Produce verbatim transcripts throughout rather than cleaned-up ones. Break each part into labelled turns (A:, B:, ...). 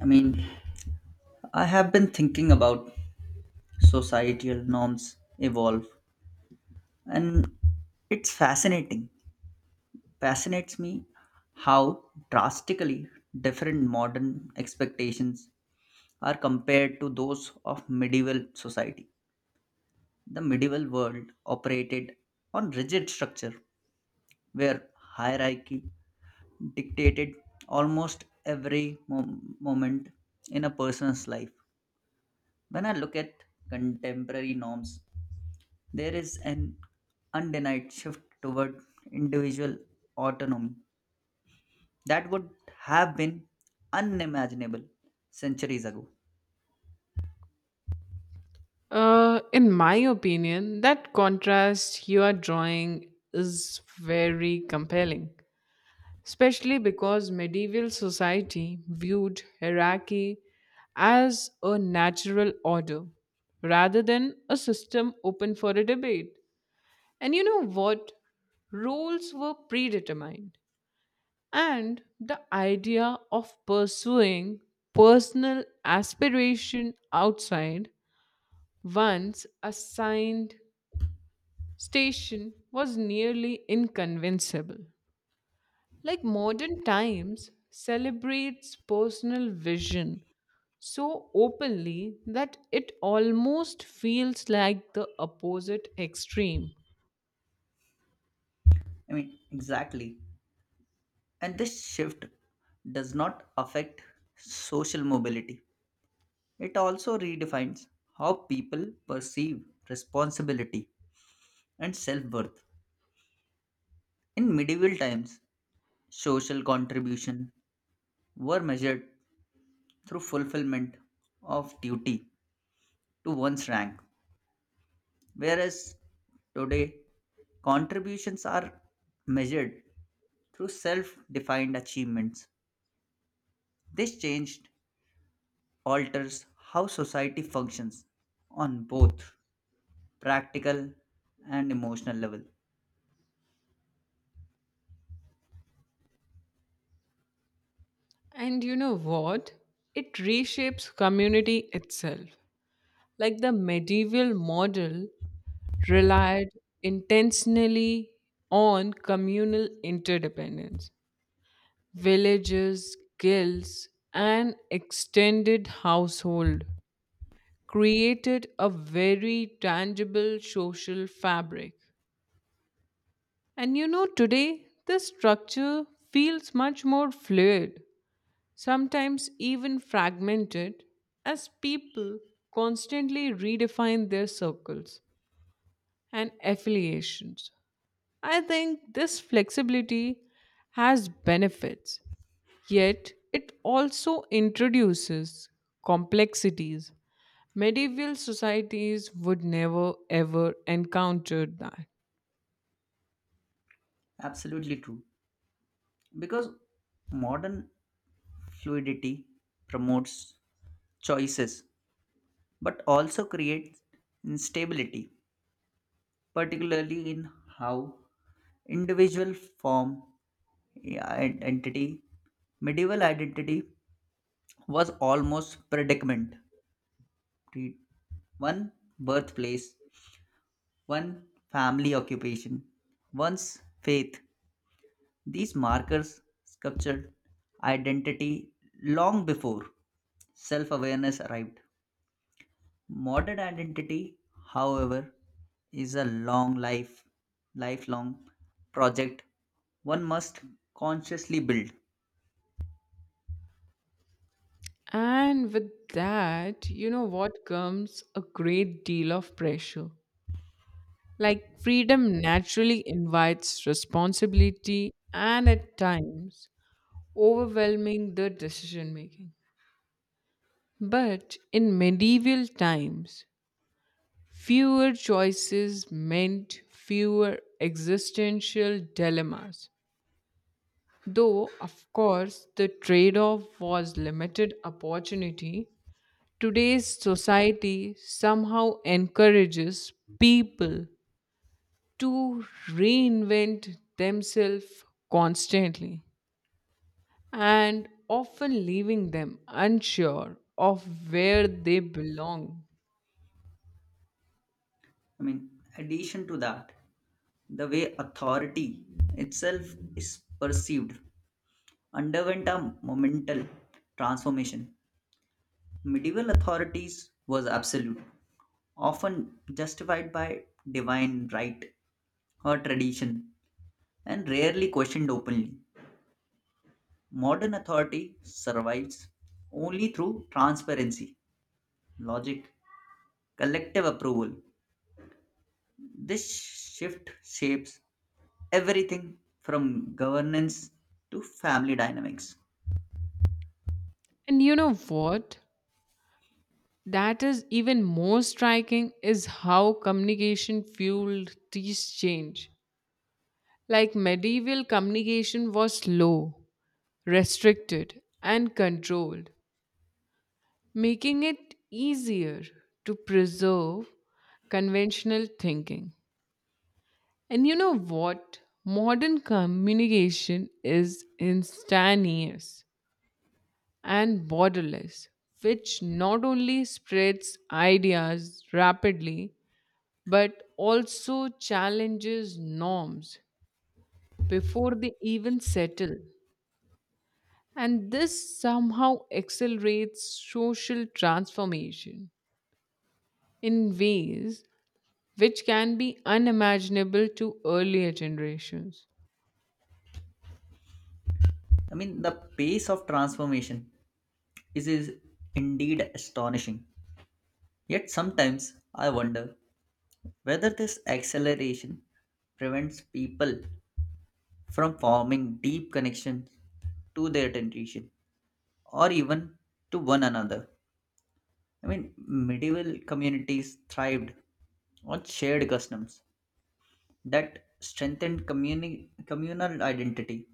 A: I mean, I have been thinking about societal norms evolve, and it's fascinating. Fascinates me how drastically different modern expectations are compared to those of medieval society. The medieval world operated on rigid structure where hierarchy dictated almost every mom- moment in a person's life. When I look at contemporary norms, there is an undenied shift toward individual autonomy that would have been unimaginable centuries ago.
B: Uh, in my opinion, that contrast you are drawing is very compelling, especially because medieval society viewed hierarchy as a natural order rather than a system open for a debate. And you know what? Roles were predetermined, and the idea of pursuing personal aspiration outside one's assigned station was nearly inconvincible. Like modern times celebrates personal vision so openly that it almost feels like the opposite extreme.
A: I mean, exactly. And this shift does not affect social mobility, it also redefines how people perceive responsibility and self worth. In medieval times, social contribution were measured through fulfillment of duty to one's rank. Whereas today, contributions are measured through self defined achievements. This change alters how society functions on both practical and emotional level.
B: And you know what? It reshapes community itself. Like the medieval model relied intentionally on communal interdependence. Villages, guilds, and extended household created a very tangible social fabric. And you know, today this structure feels much more fluid, sometimes even fragmented, as people constantly redefine their circles and affiliations. I think this flexibility has benefits. Yet, it also introduces complexities. Medieval societies would never ever encounter that.
A: Absolutely true. Because modern fluidity promotes choices but also creates instability, particularly in how individual form, yeah, and entity medieval identity was almost predicament. Pre- one birthplace, one family occupation, one's faith, these markers sculptured identity long before self-awareness arrived. Modern identity, however, is a long life, lifelong project one must consciously build.
B: And with that, you know what comes a great deal of pressure. Like freedom naturally invites responsibility and at times overwhelming the decision making. But in medieval times, fewer choices meant fewer existential dilemmas. Though, of course, the trade off was limited opportunity. Today's society somehow encourages people to reinvent themselves constantly and often leaving them unsure of where they belong.
A: I mean, addition to that, the way authority itself is perceived underwent a monumental transformation. Medieval authorities was absolute, often justified by divine right or tradition, and rarely questioned openly. Modern authority survives only through transparency, logic, collective approval. This shift shapes everything from governance to family dynamics.
B: And you know what? That is even more striking is how communication fueled these change. Like medieval communication was slow, restricted, and controlled, making it easier to preserve conventional thinking. And you know what? Modern communication is instantaneous and borderless, which not only spreads ideas rapidly but also challenges norms before they even settle. And this somehow accelerates social transformation in ways which can be unimaginable to earlier generations.
A: I mean, the pace of transformation is, is indeed astonishing. Yet sometimes I wonder whether this acceleration prevents people from forming deep connections to their tradition or even to one another. I mean, medieval communities thrived on shared customs that strengthened communi- communal identity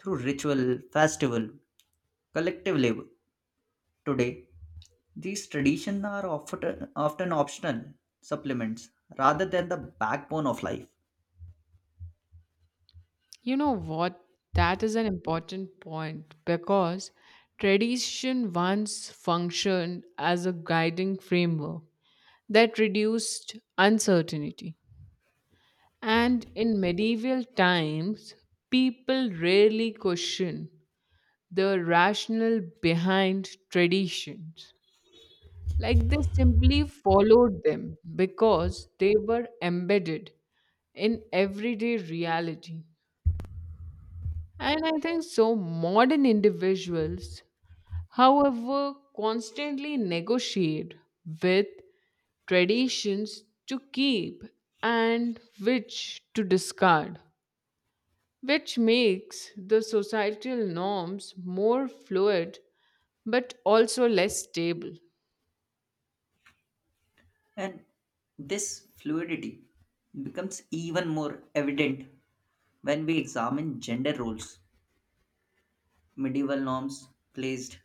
A: through ritual, festival, collective labor. Today, these traditions are often, often optional supplements rather than the backbone of life.
B: You know what? That is an important point because tradition once functioned as a guiding framework that reduced uncertainty. And in medieval times, people rarely question the rationale behind traditions. Like they simply followed them because they were embedded in everyday reality. And I think so, modern individuals, however, constantly negotiate with traditions to keep and which to discard, which makes the societal norms more fluid but also less stable.
A: And this fluidity becomes even more evident when we examine gender roles. Medieval norms placed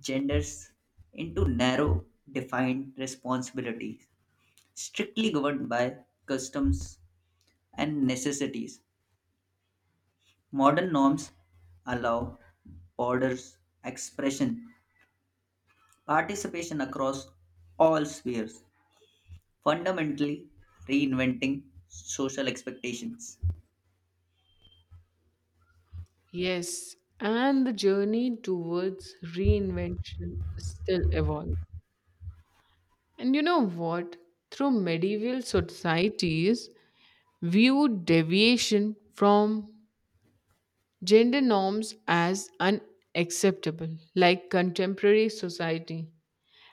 A: genders into narrow, defined responsibilities, strictly governed by customs and necessities. Modern norms allow borders, expression, participation across all spheres, fundamentally reinventing social expectations.
B: Yes, and the journey towards reinvention still evolves. And you know what? Through medieval societies, viewed deviation from gender norms as unacceptable, like contemporary society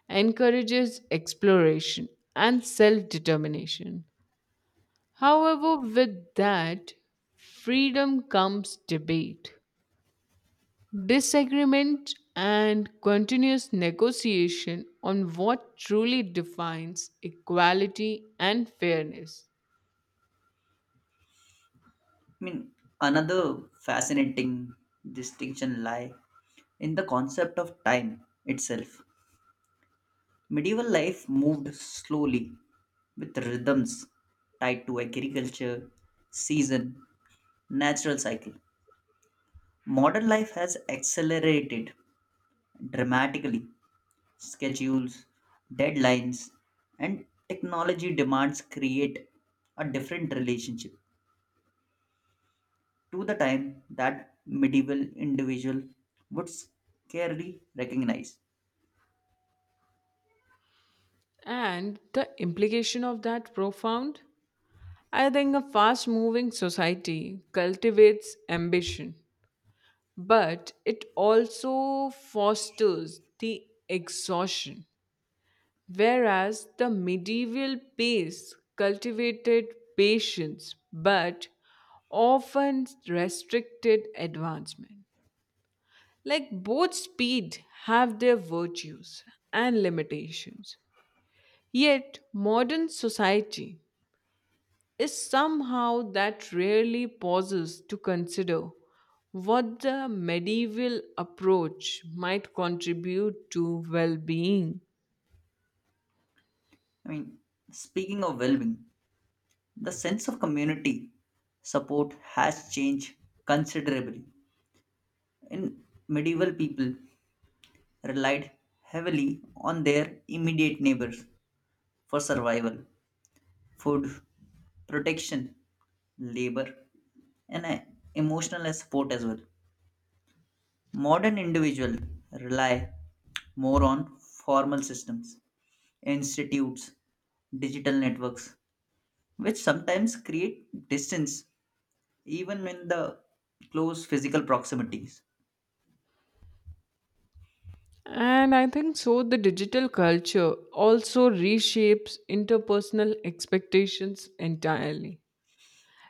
B: encourages exploration and self determination. However, with that freedom comes debate, disagreement, and continuous negotiation on what truly defines equality and fairness.
A: I mean, another fascinating distinction lie in the concept of time itself. Medieval life moved slowly with rhythms tied to agriculture, season, natural cycle. Modern life has accelerated dramatically. Schedules, deadlines, and technology demands create a different relationship to the time that medieval individual would scarcely recognize.
B: And the implication of that profound? I think a fast moving society cultivates ambition, but it also fosters the exhaustion. Whereas the medieval pace cultivated patience but often restricted advancement. Like both speed have their virtues and limitations. Yet modern society is somehow that rarely pauses to consider what the medieval approach might contribute to well being.
A: I mean, speaking of well being, the sense of community support has changed considerably. In medieval people relied heavily on their immediate neighbors for survival, food, protection, labor, and uh, emotional support as well. Modern individuals rely more on formal systems, institutes, digital networks, which sometimes create distance even in the close physical proximities.
B: And I think so, the digital culture also reshapes interpersonal expectations entirely.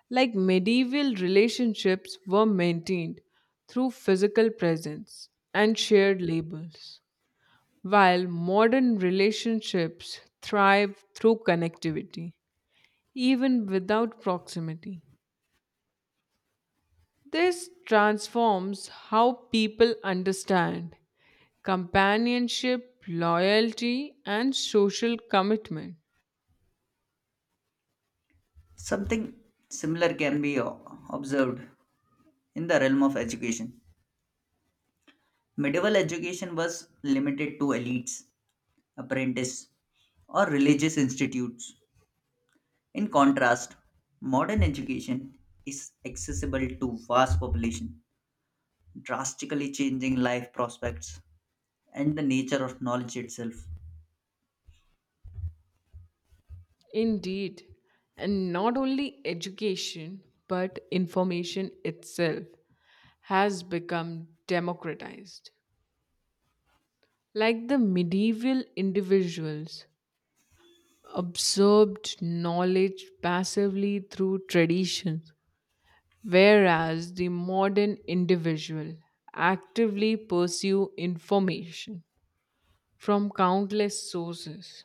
B: Like medieval relationships were maintained through physical presence and shared labels, while modern relationships thrive through connectivity, even without proximity. This transforms how people understand companionship, loyalty, and social commitment.
A: Something similar can be o- observed in the realm of education. Medieval education was limited to elites, apprentices, or religious institutes. In contrast, modern education is accessible to vast population, drastically changing life prospects and the nature of knowledge itself.
B: Indeed, and not only education, but information itself has become democratized. Like the medieval individuals absorbed knowledge passively through traditions, whereas the modern individual actively pursue information from countless sources.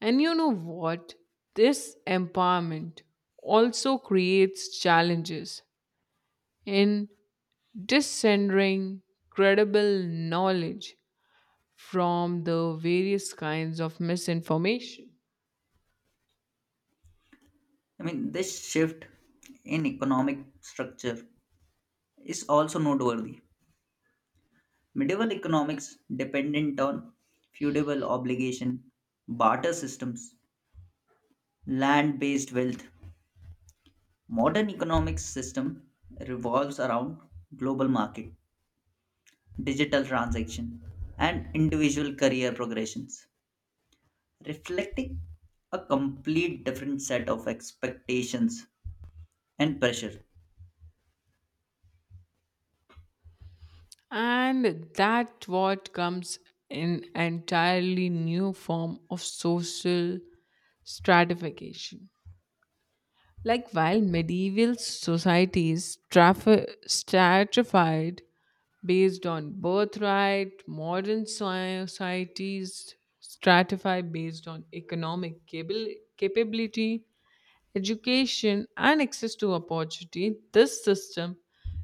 B: And you know what? This empowerment also creates challenges in discerning credible knowledge from the various kinds of misinformation.
A: I mean, this shift in economic structure is also noteworthy. Medieval economics dependent on feudal obligation, barter systems, land-based wealth. Modern economics system revolves around global market, digital transaction, and individual career progressions, reflecting a complete different set of expectations and pressure.
B: And that what comes in entirely new form of social stratification. Like while medieval societies traf- stratified based on birthright, modern societies stratify based on economic cable- capability, education, and access to opportunity, this system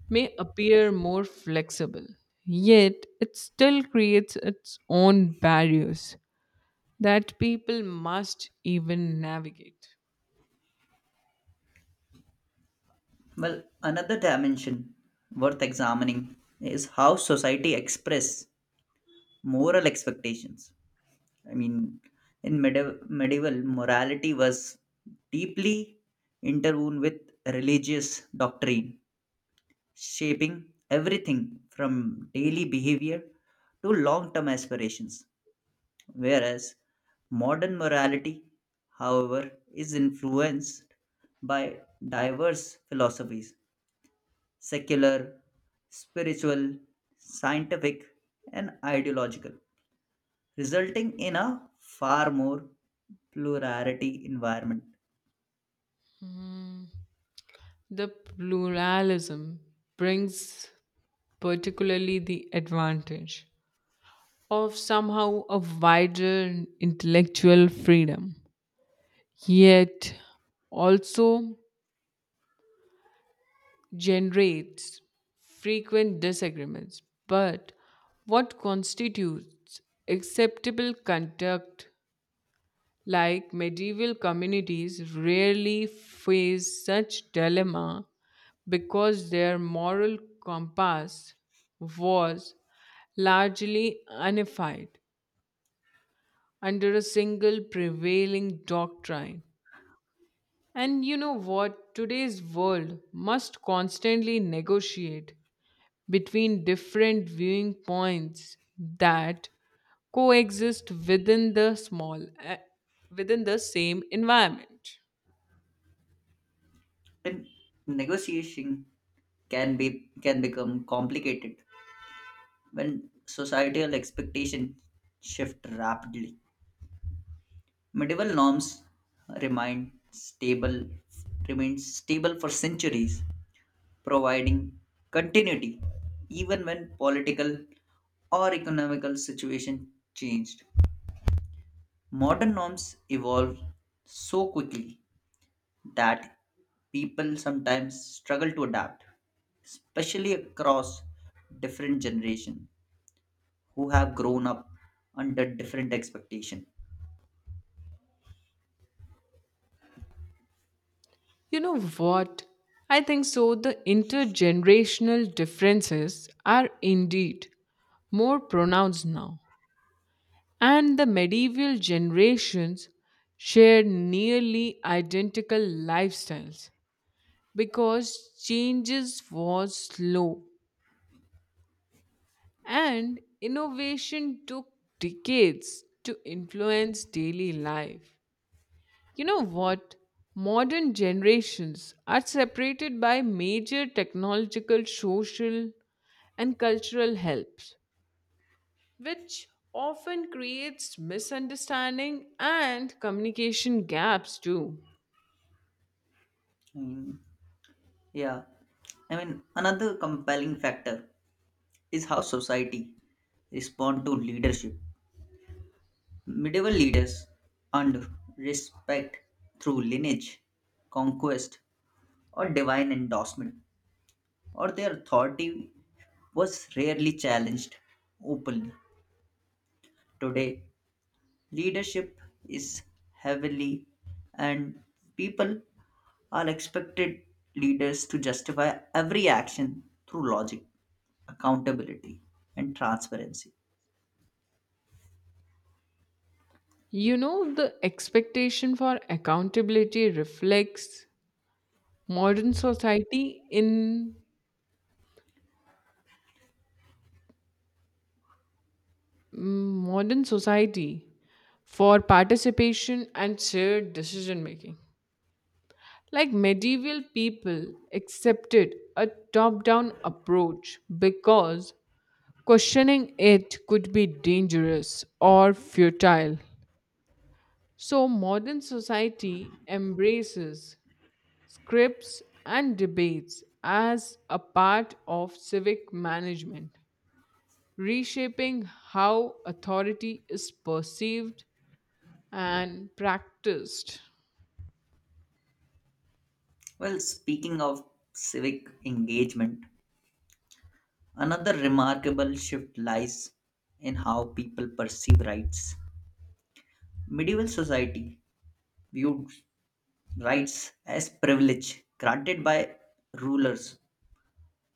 B: may appear more flexible. Yet, it still creates its own barriers that people must even navigate.
A: Well, another dimension worth examining is how society express moral expectations. I mean, in medieval, medieval morality was deeply interwoven with religious doctrine, shaping everything from daily behavior to long term aspirations. Whereas modern morality, however, is influenced by diverse philosophies secular, spiritual, scientific, and ideological, resulting in a far more plurality environment.
B: The pluralism brings particularly the advantage of somehow a wider intellectual freedom, yet also generates frequent disagreements. But what constitutes acceptable conduct, like medieval communities, rarely face such dilemma because their moral compass was largely unified under a single prevailing doctrine. And you know what? Today's world must constantly negotiate between different viewing points that coexist within the small eh, within the same environment.
A: Then negotiation can be can become complicated when societal expectations shift rapidly. Medieval norms remain stable remain stable for centuries, providing continuity even when political or economical situation changed. Modern norms evolve so quickly that people sometimes struggle to adapt, especially across different generation who have grown up under different expectation.
B: You know what? I think so the intergenerational differences are indeed more pronounced now, and the medieval generations shared nearly identical lifestyles because changes was slow and innovation took decades to influence daily life. You know what? Modern generations are separated by major technological social and cultural helps, which often creates misunderstanding and communication gaps too.
A: Mm, yeah, I mean another compelling factor is how society respond to leadership. Medieval leaders earned respect through lineage, conquest, or divine endorsement, or their authority was rarely challenged openly. Today, leadership is heavily, and people are expected leaders to justify every action through logic, accountability, and transparency.
B: You know, the expectation for accountability reflects modern society in mm, modern society for participation and shared decision making. Like medieval people accepted a top down approach because questioning it could be dangerous or futile. So, modern society embraces scripts and debates as a part of civic management, reshaping how authority is perceived and practiced.
A: Well, speaking of civic engagement, another remarkable shift lies in how people perceive rights. Medieval society viewed rights as privilege granted by rulers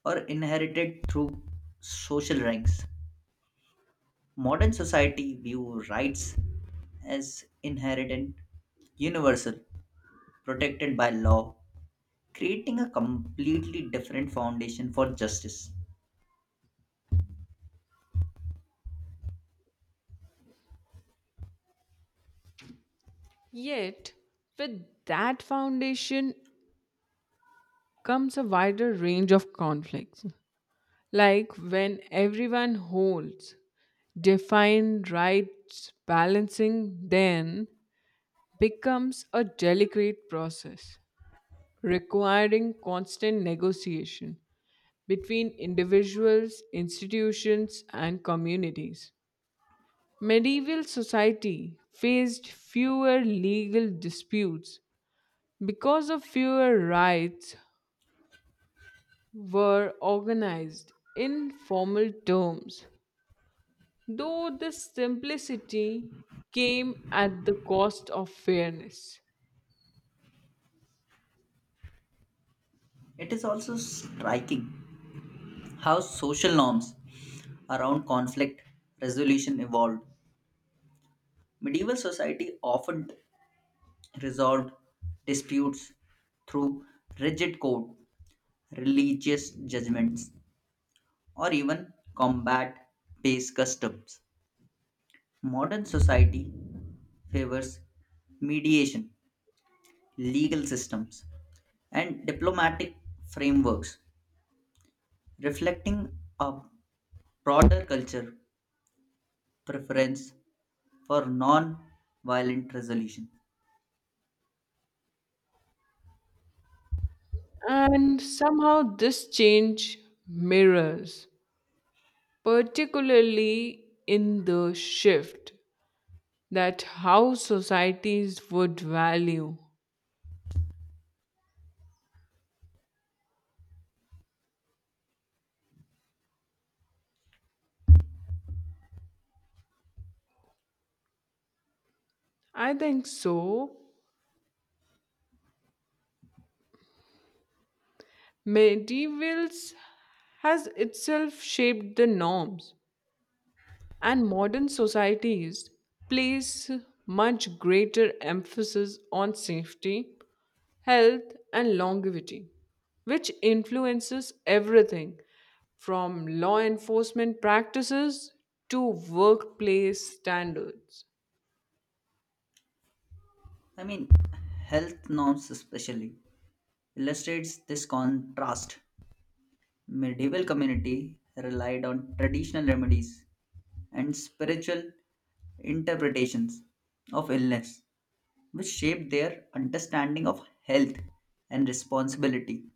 A: or inherited through social ranks. Modern society view rights as inherent, universal, protected by law, creating a completely different foundation for justice.
B: Yet, with that foundation comes a wider range of conflicts, like when everyone holds defined rights balancing then becomes a delicate process requiring constant negotiation between individuals, institutions, and communities. Medieval society faced fewer legal disputes because of fewer rights were organized in formal terms, though this simplicity came at the cost of fairness.
A: It is also striking how social norms around conflict resolution evolved. Medieval society often resolved disputes through rigid code, religious judgments, or even combat based customs. Modern society favors mediation, legal systems, and diplomatic frameworks, reflecting a broader culture preference for non violent resolution.
B: And somehow this change mirrors, particularly in the shift that how societies would value. I think so. Medievals has itself shaped the norms. And modern societies place much greater emphasis on safety, health, and longevity, which influences everything from law enforcement practices to workplace standards.
A: I mean, health norms especially illustrates this contrast. Medieval community relied on traditional remedies and spiritual interpretations of illness, which shaped their understanding of health and responsibility.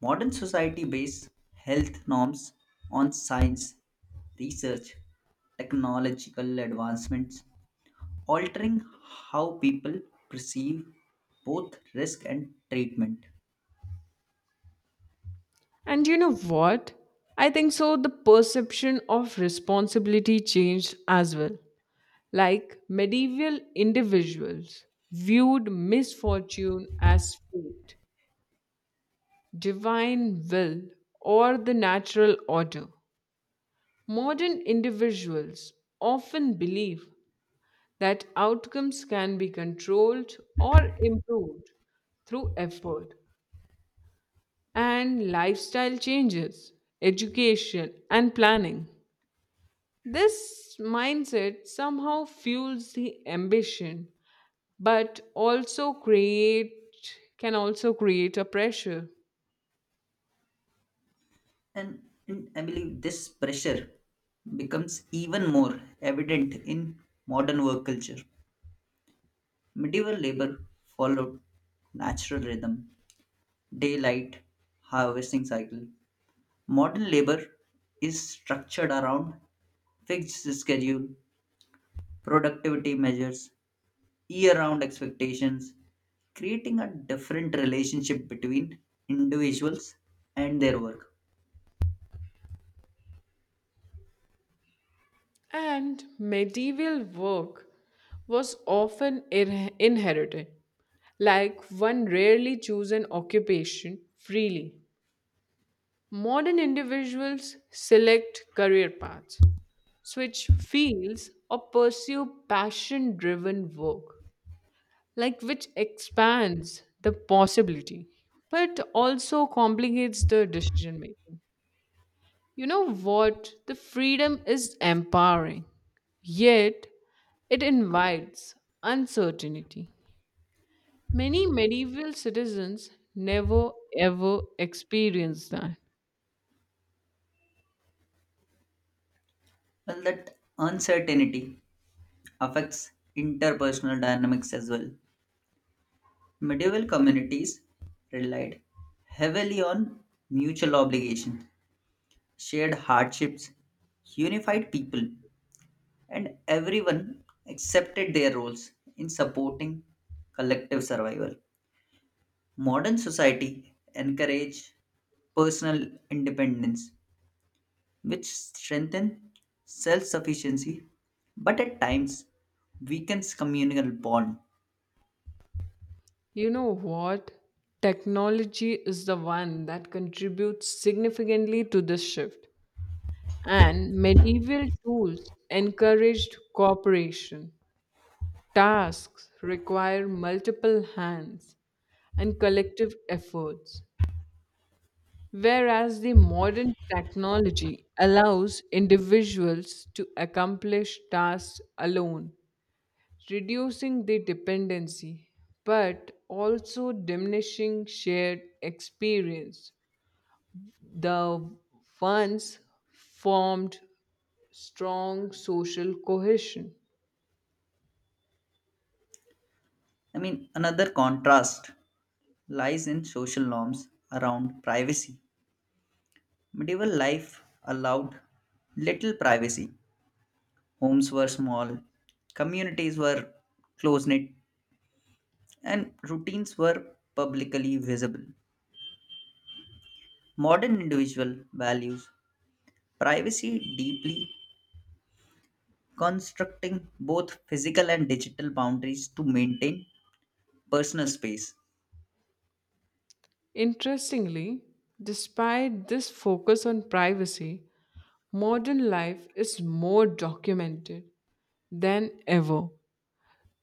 A: Modern society bases health norms on science, research, technological advancements, altering how people perceive both risk and treatment.
B: And you know what? I think so, the perception of responsibility changed as well. Like medieval individuals viewed misfortune as fate divine will, or the natural order. Modern individuals often believe that outcomes can be controlled or improved through effort and lifestyle changes, education, and planning. This mindset somehow fuels the ambition but also create can also create a pressure.
A: And, and I believe this pressure becomes even more evident in modern work culture. Medieval labor followed natural rhythm, daylight, harvesting cycle. Modern labor is structured around fixed schedule, productivity measures, year round expectations, creating a different relationship between individuals and their work.
B: And medieval work was often ir- inherited, like one rarely chose an occupation freely. Modern individuals select career paths, switch fields, or pursue passion driven work, like which expands the possibility but also complicates the decision making. You know what? The freedom is empowering, yet it invites uncertainty. Many medieval citizens never ever experienced that.
A: Well, that uncertainty affects interpersonal dynamics as well. Medieval communities relied heavily on mutual obligation, shared hardships, unified people, and everyone accepted their roles in supporting collective survival. Modern society encourage personal independence, which strengthen self-sufficiency, but at times weakens communal bond.
B: You know what? Technology is the one that contributes significantly to this shift, and medieval tools encouraged cooperation. Tasks require multiple hands and collective efforts. Whereas the modern technology allows individuals to accomplish tasks alone, reducing the dependency but also diminishing shared experience. The once formed strong social cohesion.
A: I mean, another contrast lies in social norms around privacy. Medieval life allowed little privacy. Homes were small, communities were close knit, and routines were publicly visible. Modern individual values privacy deeply, constructing both physical and digital boundaries to maintain personal space.
B: Interestingly, despite this focus on privacy, modern life is more documented than ever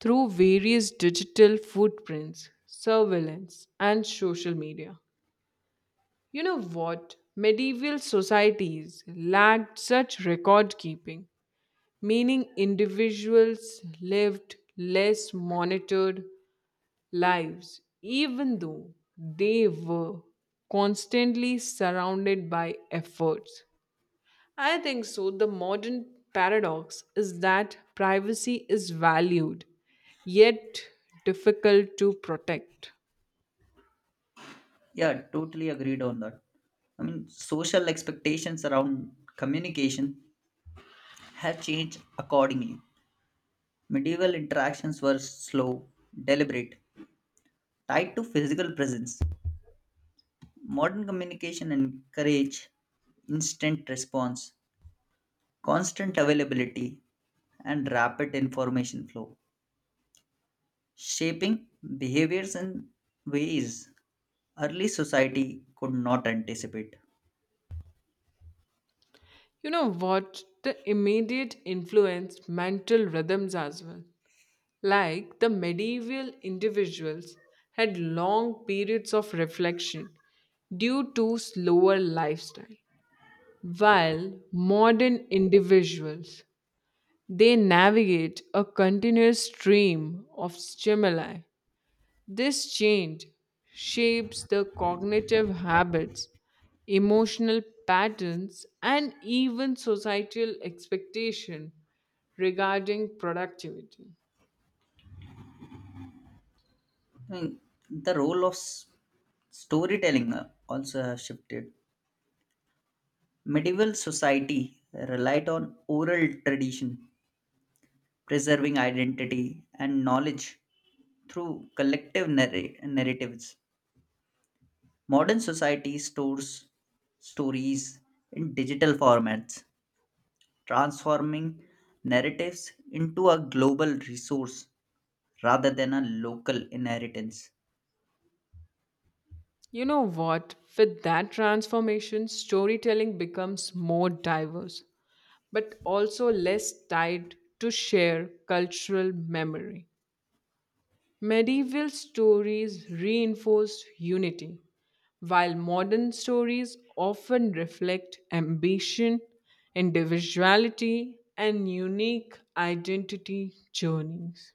B: through various digital footprints, surveillance, and social media. You know what? Medieval societies lacked such record keeping, meaning individuals lived less monitored lives, even though they were constantly surrounded by efforts. I think so. The modern paradox is that privacy is valued, yet difficult to protect.
A: Yeah, totally agreed on that. I mean, social expectations around communication have changed accordingly. Medieval interactions were slow, deliberate, tied to physical presence. Modern communication encourage instant response, constant availability, and rapid information flow, shaping behaviors in ways early society could not anticipate.
B: You know what? The immediate influence mental rhythms as well. Like the medieval individuals had long periods of reflection due to slower lifestyle, while modern individuals they navigate a continuous stream of stimuli. This change shapes the cognitive habits, emotional patterns, and even societal expectation regarding productivity.
A: I mean, the role of s- storytelling uh, also has shifted. Medieval society relied on oral tradition, preserving identity and knowledge through collective narra- narratives. Modern society stores stories in digital formats, transforming narratives into a global resource rather than a local inheritance.
B: You know what? With that transformation, storytelling becomes more diverse, but also less tied to share cultural memory. Medieval stories reinforce unity, while modern stories often reflect ambition, individuality, and unique identity journeys.